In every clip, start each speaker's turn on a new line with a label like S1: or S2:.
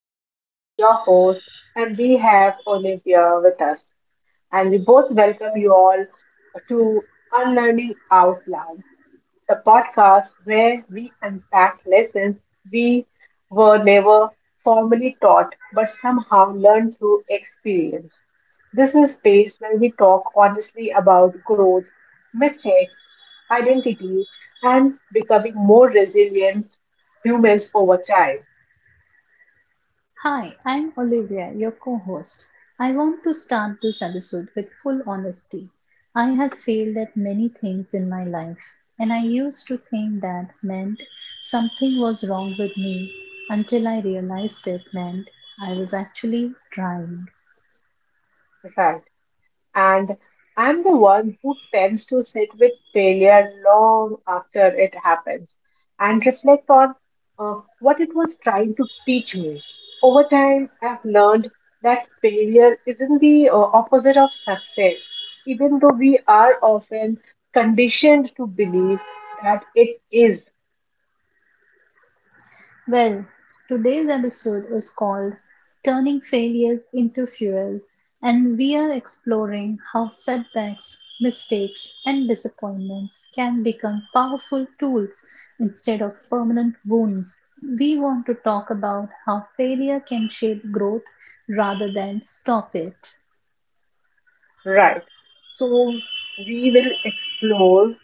S1: Rachel, your host, and we have Olivia with us. And we both welcome you all to Unlearning Out Loud, the podcast where we unpack lessons we were never formally taught but somehow learned through experience. This is a space where we talk honestly about growth, mistakes, identity, and becoming more resilient humans over time.
S2: Hi, I'm Olivia, your co host. I want to start this episode with full honesty. I have failed at many things in my life, and I used to think that meant something was wrong with me until I realized it meant I was actually trying.
S1: Right. And I'm the one who tends to sit with failure long after it happens and reflect on what it was trying to teach me. Over time, I've learned that failure isn't the opposite of success, even though we are often conditioned to believe that it is.
S2: Well, today's episode is called Turning Failures into Fuel, and we are exploring how setbacks, mistakes, and disappointments can become powerful tools instead of permanent wounds. We want to talk about how failure can shape growth rather than stop it.
S1: Right. So we will explore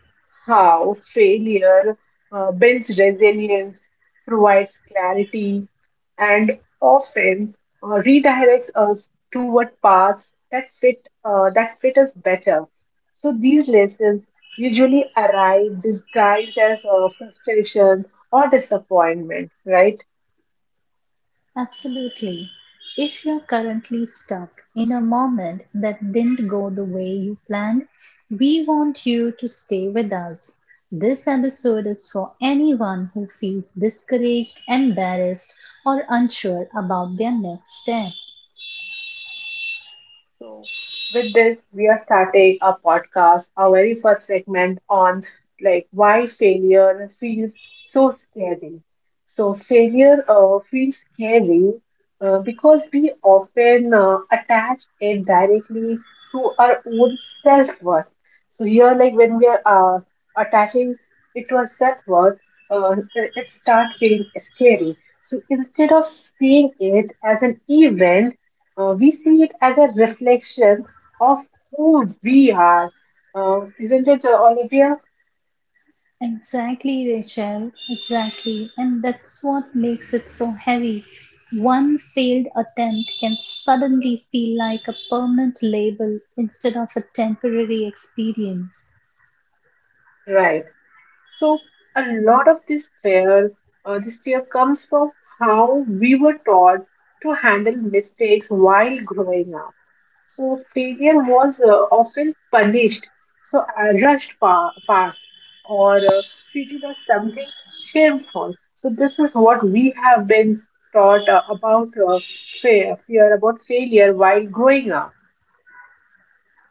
S1: how failure builds resilience, provides clarity, and often redirects us toward paths that fit us better. So these lessons usually arrive disguised as frustration or disappointment, right?
S2: Absolutely. If you're currently stuck in a moment that didn't go the way you planned, we want you to stay with us. This episode is for anyone who feels discouraged, embarrassed, or unsure about their next step.
S1: So, with this, we are starting our podcast, our very first segment on like why failure feels so scary. So, failure feels scary because we often attach it directly to our own self worth. So, here, like when we are attaching it to our self worth, it start feeling scary. So, instead of seeing it as an event, we see it as a reflection of who we are. Isn't it, Olivia?
S2: Exactly, Rachel. Exactly. And that's what makes it so heavy. One failed attempt can suddenly feel like a permanent label instead of a temporary experience.
S1: Right. So, a lot of this fear comes from how we were taught to handle mistakes while growing up. So failure was often punished, so rushed past, or treated as something shameful. So this is what we have been taught about fear about failure while growing up.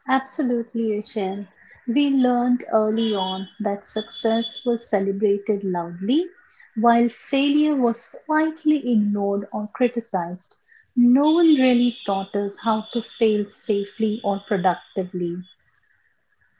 S2: Absolutely, Rachel. We learned early on that success was celebrated loudly, while failure was quietly ignored or criticized. No one really taught us how to fail safely or productively.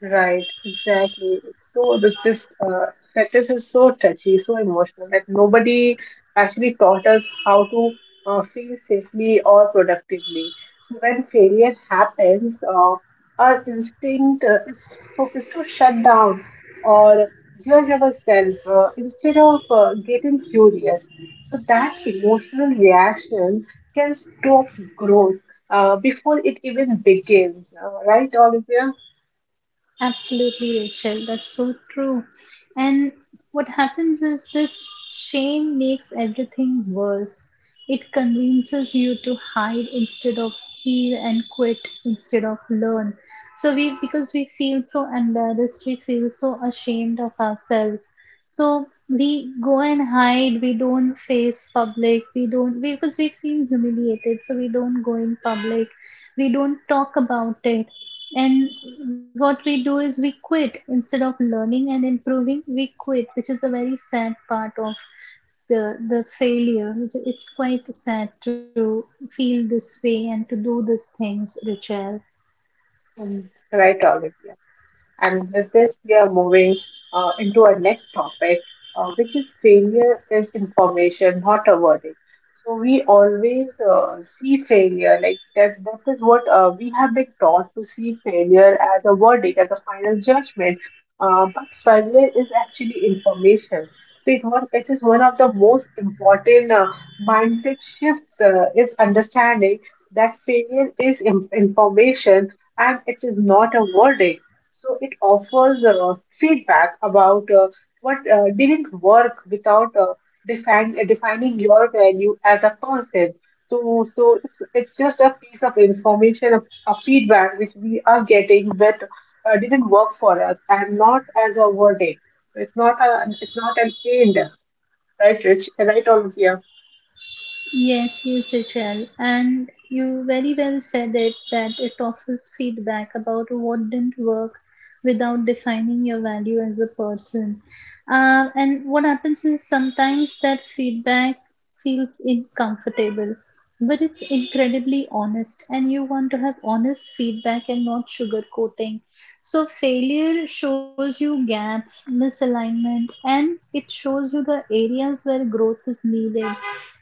S1: Right, exactly. It's so this status is so touchy, so emotional that nobody actually taught us how to feel safely or productively. So when failure happens, our instinct is to shut down or judge ourselves instead of getting curious. So that emotional reaction can stop growth before it even begins. Right, Olivia?
S2: Absolutely, Rachel. That's so true. And what happens is this shame makes everything worse. It convinces you to hide instead of heal and quit instead of learn. So we because we feel so embarrassed, we feel so ashamed of ourselves. So we go and hide, we don't face public, we don't we, because we feel humiliated, so we don't go in public, we don't talk about it and what we do is we quit instead of learning and improving, we quit, which is a very sad part of the failure. It's quite sad to feel this way and to do these things, Richard.
S1: Right, Olivia. And with this, we are moving into our next topic, which is failure is information, not a verdict. So we always see failure like that. That is what we have been taught to see failure as a verdict, as a final judgment. But failure is actually information. So it is one of the most important mindset shifts is understanding that failure is information and it is not a verdict. So it offers feedback about what didn't work without defining your value as a person. So, it's just a piece of information, a feedback which we are getting that didn't work for us, and not as a verdict. So it's not an end, right, Rich? Right, Olivia?
S2: Yes, yes, it will. And you very well said it that it offers feedback about what didn't work without defining your value as a person. And what happens is sometimes that feedback feels uncomfortable, but it's incredibly honest, and you want to have honest feedback and not sugarcoating. So, failure shows you gaps, misalignment, and it shows you the areas where growth is needed.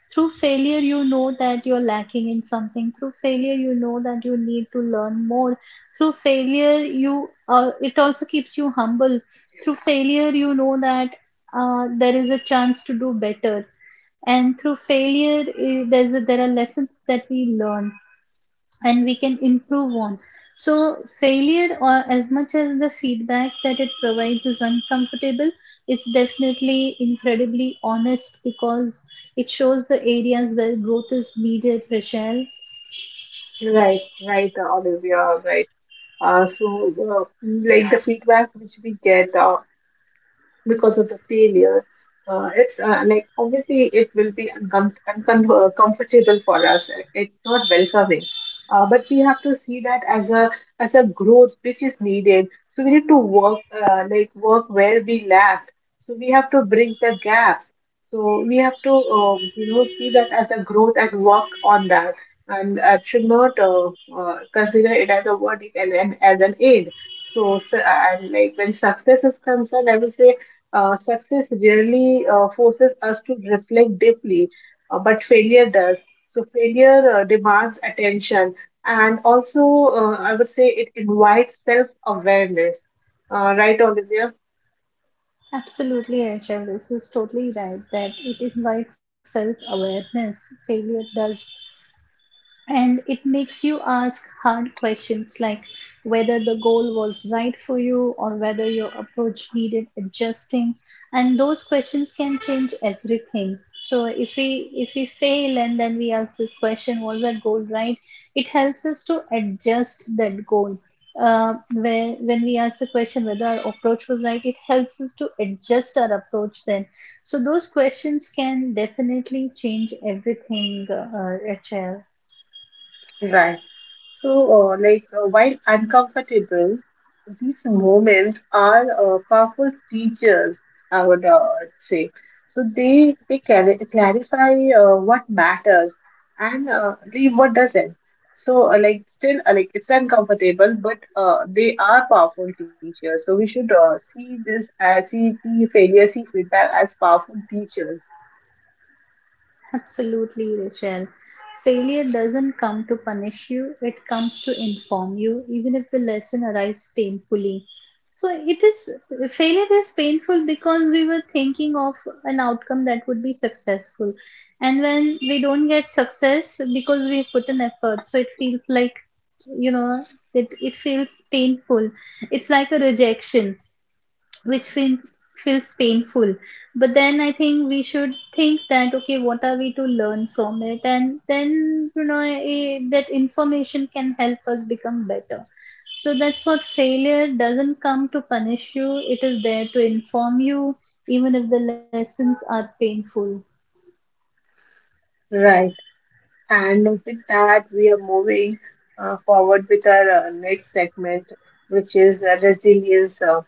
S2: Through failure you know that you're lacking in something. Through failure you know that you need to learn more. Through failure you it also keeps you humble. Through failure you know that there is a chance to do better, and through failure there's there are lessons that we learn and we can improve on. So, failure, or as much as the feedback that it provides is uncomfortable, it's definitely incredibly honest because it shows the areas where growth is needed, Rachel.
S1: Right, Olivia, right. Like the feedback which we get because of the failure. It's Like obviously it will be comfortable for us. It's not welcoming, but we have to see that as a growth which is needed. So we need to work like work where we lack. So we have to bridge the gaps. So we have to you know see that as a growth and work on that. And should not consider it as a verdict and as an aid. So, so and like when success is concerned, I would say success really forces us to reflect deeply, but failure does. So, failure demands attention, and also, I would say, it invites self awareness. Right, Olivia?
S2: Absolutely, Rachel, this is totally right that it invites self awareness. Failure does, and it makes you ask hard questions like whether the goal was right for you or whether your approach needed adjusting, and those questions can change everything. So if we fail and then we ask this question, was that goal right, it helps us to adjust that goal. When we ask the question whether our approach was right, it helps us to adjust our approach then. So those questions can definitely change everything, Rachel.
S1: Right. So, while uncomfortable, these moments are powerful teachers, I would say. So they clarify what matters and leave what doesn't. So, still, it's uncomfortable, but they are powerful teachers. So we should see failure, see feedback as powerful teachers,
S2: Absolutely, Rachel. Failure doesn't come to punish you, it comes to inform you, even if the lesson arrives painfully. So it is, failure is painful because we were thinking of an outcome that would be successful. And when we don't get success because we put an effort, so it feels like, you know, it feels painful. It's like a rejection which feels painful. But then I think we should think that okay, what are we to learn from it, and then you know that information can help us become better. So that's what, failure doesn't come to punish you, it is there to inform you, even if the lessons are painful.
S1: right? And with that, we are moving forward with our next segment, which is uh, resilience. Uh,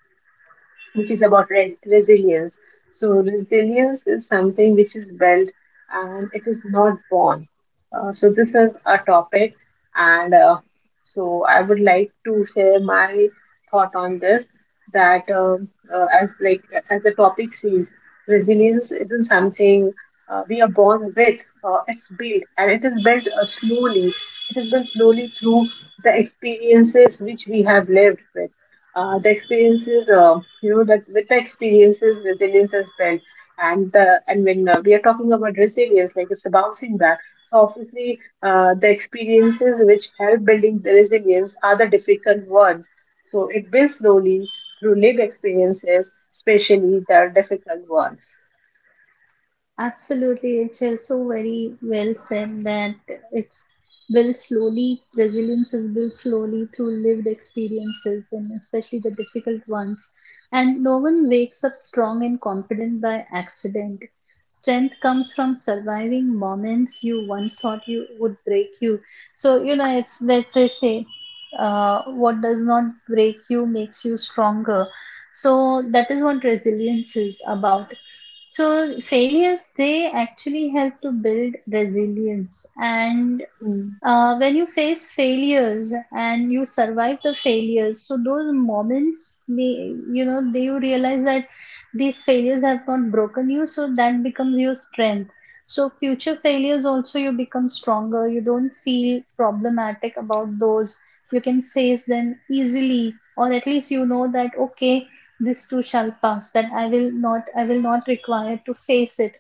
S1: which is about re- resilience. So, resilience is something which is built and it is not born. So, this is a topic, and so I would like to share my thought on this that as like as the topic says, resilience isn't something we are born with. It's built, and it is built slowly. It is built slowly through the experiences which we have lived with the experiences you know that with the experiences resilience is built and the and when we are talking about resilience like it's a bouncing back, so obviously the experiences which help building the resilience are the difficult ones, so it builds slowly through lived experiences, especially the difficult ones.
S2: Absolutely, HL. So very well said that it's built slowly, resilience is built slowly through lived experiences and especially the difficult ones. And no one wakes up strong and confident by accident. Strength comes from surviving moments you once thought you would break you. So, you know, it's that they say, what does not break you makes you stronger. So that is what resilience is about. So failures, they actually help to build resilience. And
S1: Mm.
S2: when you face failures and you survive the failures, so those moments may, you know, they, you realize that these failures have not broken you, so that becomes your strength. So future failures also, you become stronger, you don't feel problematic about those. You can face them easily, or at least you know that okay, this too shall pass, that I will not require to face it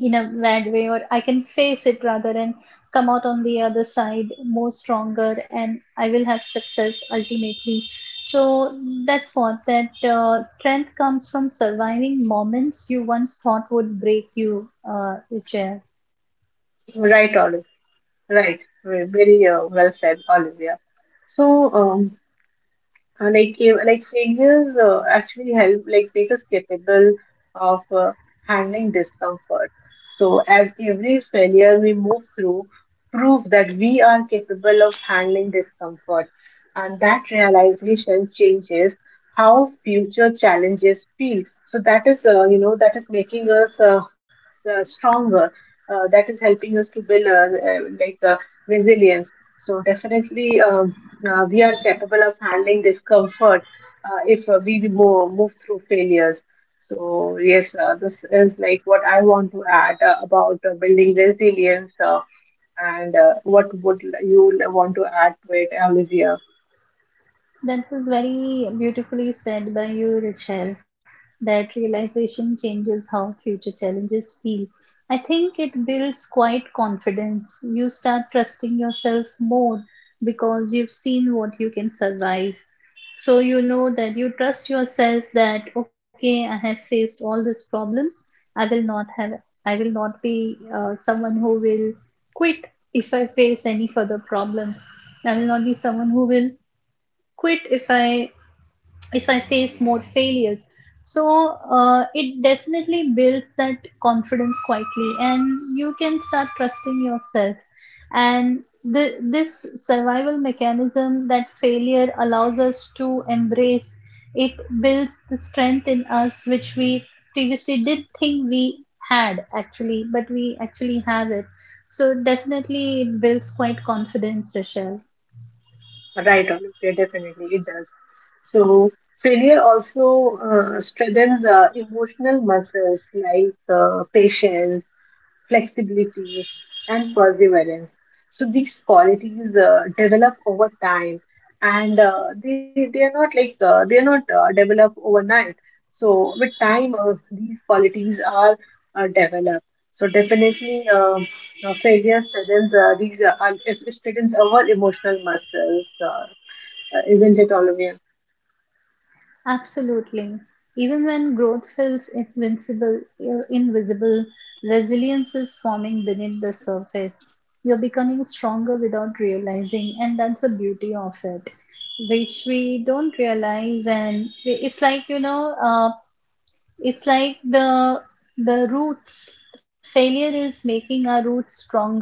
S2: in a bad way, or I can face it rather and come out on the other side more stronger and I will have success ultimately. So that's what, that strength comes from surviving moments you once thought would break you, Richa.
S1: Right, Olive. Right. Very well said, Olivia. So, like like failures actually help like make us capable of handling discomfort, so as every failure we move through prove that we are capable of handling discomfort, and that realization changes how future challenges feel. So that is you know that is making us stronger, that is helping us to build resilience. So definitely we are capable of handling discomfort if we move through failures. So, yes, this is like what I want to add about building resilience, and what would you want to add to it, Olivia?
S2: That was very beautifully said by you, Rachel. That realization changes how future challenges feel. I think it builds quite confidence. You start trusting yourself more because you've seen what you can survive. So you know that you trust yourself that okay, I have faced all these problems. I will not have. I will not be someone who will quit if I face any further problems. I will not be someone who will quit if I face more failures. So it definitely builds that confidence quietly, and you can start trusting yourself. And this survival mechanism that failure allows us to embrace, it builds the strength in us which we previously did think we had actually, but we actually have it. So definitely it builds quite confidence, Rochelle.
S1: Right, Olivia, definitely it does. So, failure also strengthens the emotional muscles like patience, flexibility, and perseverance. So these qualities develop over time, and they are not like they are not develop overnight. So with time, these qualities are developed. So definitely, failure strengthens these it strengthens our emotional muscles, isn't it, Olivia?
S2: Absolutely. Even when growth feels invincible or invisible, resilience is forming beneath the surface. You're becoming stronger without realizing, and that's the beauty of it, which we don't realize. And we- it's like, you know, it's like the roots, failure is making our roots stronger,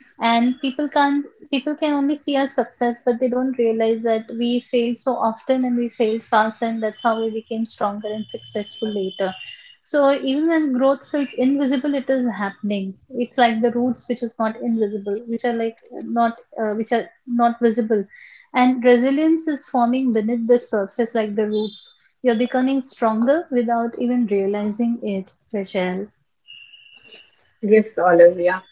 S2: and people can't people can only see our success, but they don't realize that we failed so often and we failed fast, and that's how we became stronger and successful later. So even when growth feels invisible, it is happening. It's like the roots which is not invisible, which are like not which are not visible, and resilience is forming beneath the surface like the roots. You're becoming stronger without even realizing it, Rachel.
S1: Yes, Olivia.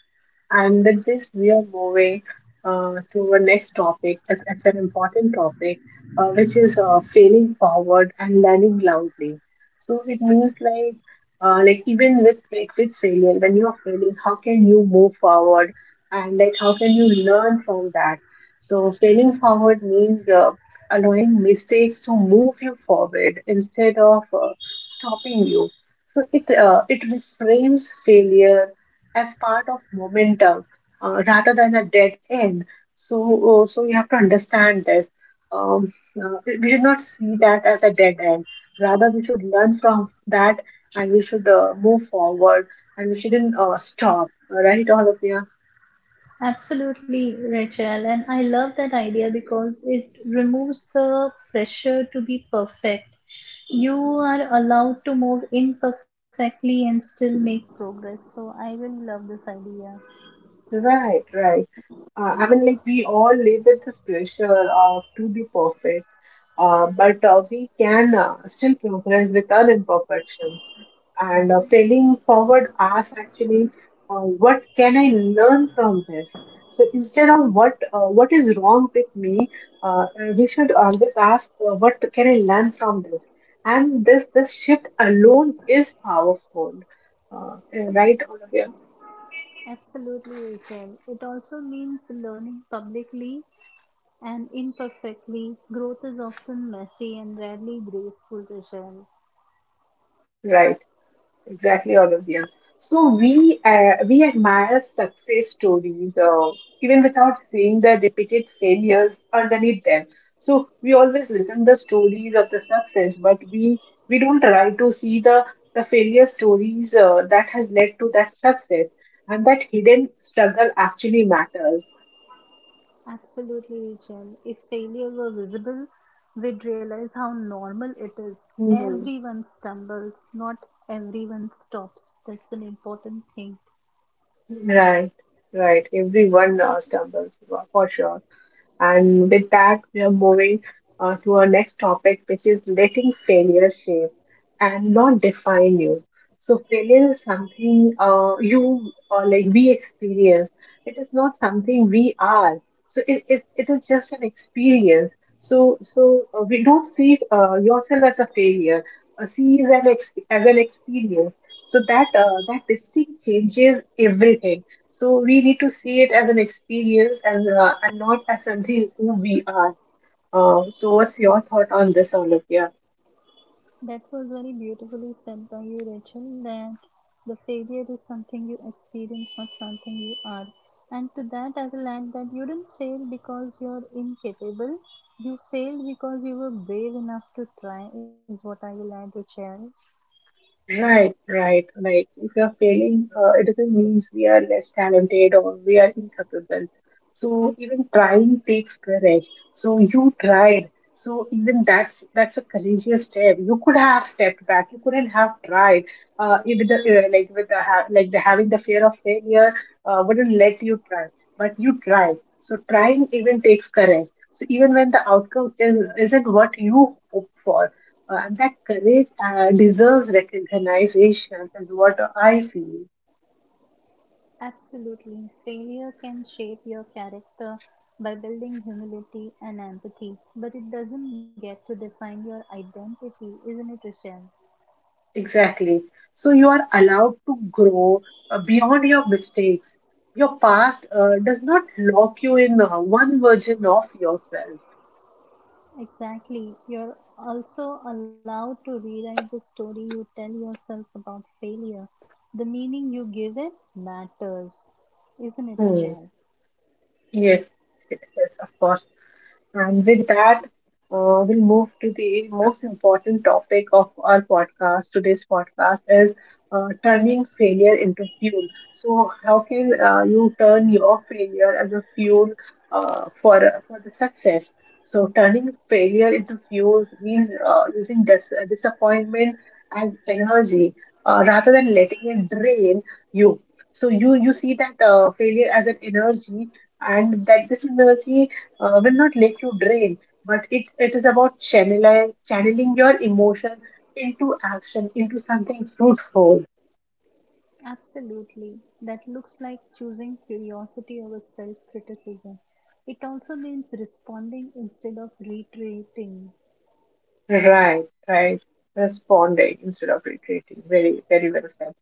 S1: And with this, we are moving to our next topic. It's an important topic, which is failing forward and learning loudly. So it means like even with like with failure, when you are failing, how can you move forward and like how can you learn from that? So failing forward means allowing mistakes to move you forward instead of stopping you. So it reframes failure as part of momentum rather than a dead end. So, so you have to understand this. Um, we should not see that as a dead end. Rather, we should learn from that, and we should move forward, and we shouldn't stop. Right, all of you.
S2: Absolutely, Rachel. And I love that idea because it removes the pressure to be perfect. You are allowed to move imperfectly and still make progress. So I really love this idea.
S1: Right, right. I mean, like we all live with this pressure of to be perfect, but we can still progress with our imperfections. And failing forward, ask actually, what can I learn from this? So instead of what is wrong with me, uh, we should always ask, what can I learn from this? And this shift alone is powerful, right, Olivia?
S2: Absolutely, Rachel. It also means learning publicly and imperfectly. Growth is often messy and rarely graceful, Rachel.
S1: Right. Exactly, Olivia. So we admire success stories, even without seeing the repeated failures underneath them. So we always listen the stories of the success, but we don't try to see the failure stories that has led to that success, and that hidden struggle actually matters.
S2: Absolutely, Jen. If failure were visible, we'd realize how normal it is.
S1: Hmm.
S2: Everyone stumbles, not everyone stops. That's an important thing.
S1: Right, right. Everyone stumbles for sure. And with that, we are moving to our next topic, which is letting failure shape and not define you. So, failure is something you or like we experience. It is not something we are. So, it is just an experience. So, so we don't see yourself as a failure. See it as an experience. So that that distinct changes everything, so we need to see it as an experience and not as something who we are. So what's your thought on this, Olivia?
S2: That was very beautifully said by you, Rachel, that the failure is something you experience, not something you are. And to that, I will add that you didn't fail because you're incapable. You failed because you were brave enough to try, is what I will add, Rachel.
S1: Right, right. Like if we are failing, it doesn't mean we are less talented or we are incapable. So even trying takes courage. So you tried. So even that's a courageous step. You could have stepped back. You couldn't have tried. Even the like the having the fear of failure wouldn't let you try, but you tried. So trying even takes courage. So even when the outcome is isn't what you hope for, and that courage deserves recognition, is what I feel.
S2: Absolutely. Failure can shape your character by building humility and empathy, but it doesn't get to define your identity, isn't it, Rochelle?
S1: Exactly. So you are allowed to grow beyond your mistakes. Your past does not lock you in one version of yourself.
S2: Exactly. You're also allowed to rewrite the story you tell yourself about failure. The meaning you give it matters, isn't it,
S1: Hmm.
S2: Rochelle?
S1: Yes, yes, of course. And with that, we'll move to the most important topic of our podcast. Today's podcast is turning failure into fuel. So, how can you turn your failure as a fuel uh, for for the success? So, turning failure into fuels means using disappointment as energy rather than letting it drain you. So, you see that failure as an energy, and that this energy will not let you drain, but it is about channeling your emotion into action, into something fruitful.
S2: Absolutely. That looks like choosing curiosity over self criticism. It also means responding instead of retreating.
S1: Right, right. Responding instead of retreating. Very, very well said.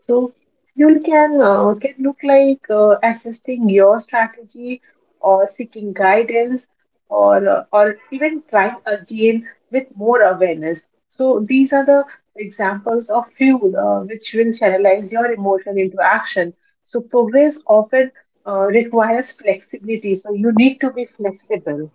S1: So fuel can look like assessing your strategy or seeking guidance or even trying again with more awareness. So these are the examples of fuel which will channelize your emotion into action. So progress often requires flexibility. So you need to be flexible.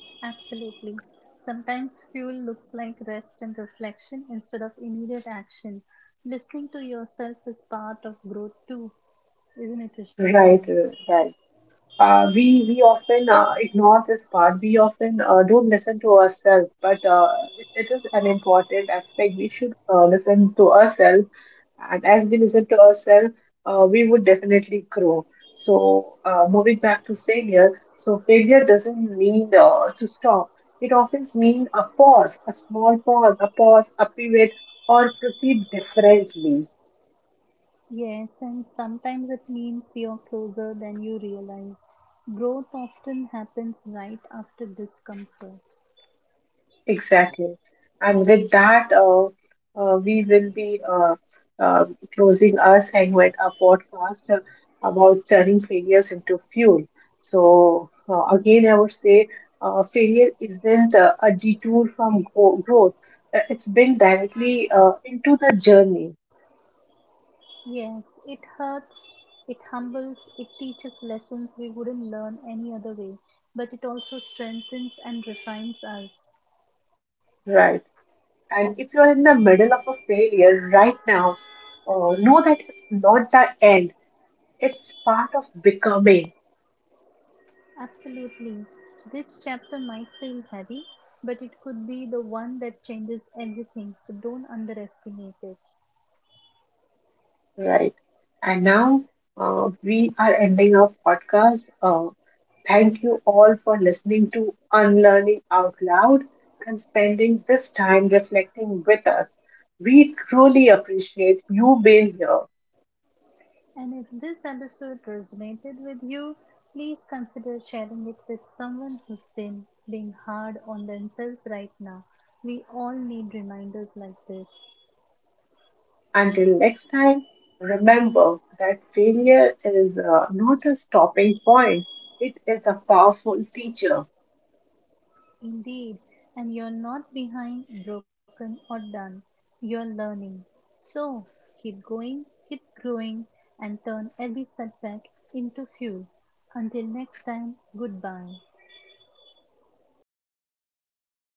S2: Absolutely. Sometimes fuel looks like rest and reflection instead of immediate action. Listening to yourself is part of growth too, isn't it, Rishan?
S1: Right, right. We often ignore this part. We often don't listen to ourselves, but it is an important aspect. We should listen to ourselves, and as we listen to ourselves, we would definitely grow. So, moving back to failure, so failure doesn't mean to stop. It often means a pause, a small pause, a pause, a pivot, or proceed differently.
S2: Yes, and sometimes it means you're closer than you realize. Growth often happens right after discomfort.
S1: Exactly. And with that, we will be uh, closing our segment, our podcast about turning failures into fuel. So, again, I would say failure isn't a detour from growth, it's been directly into the journey,
S2: Yes, it hurts, it humbles, it teaches lessons we wouldn't learn any other way, but it also strengthens and refines us.
S1: right? And if you're in the middle of a failure right now, know that it's not the end, it's part of becoming.
S2: Absolutely. This chapter might feel heavy, but it could be the one that changes everything, so don't underestimate it.
S1: Right. And now we are ending our podcast. Thank you all for listening to Unlearning Out Loud and spending this time reflecting with us. We truly appreciate you being here.
S2: And if this episode resonated with you, please consider sharing it with someone who's been being hard on themselves right now. We all need reminders like this.
S1: Until next time, remember that failure is not a stopping point, it is a powerful teacher.
S2: Indeed, and you're not behind, broken, or done. You're learning. So keep going, keep growing, and turn every setback into fuel. Until next time, goodbye.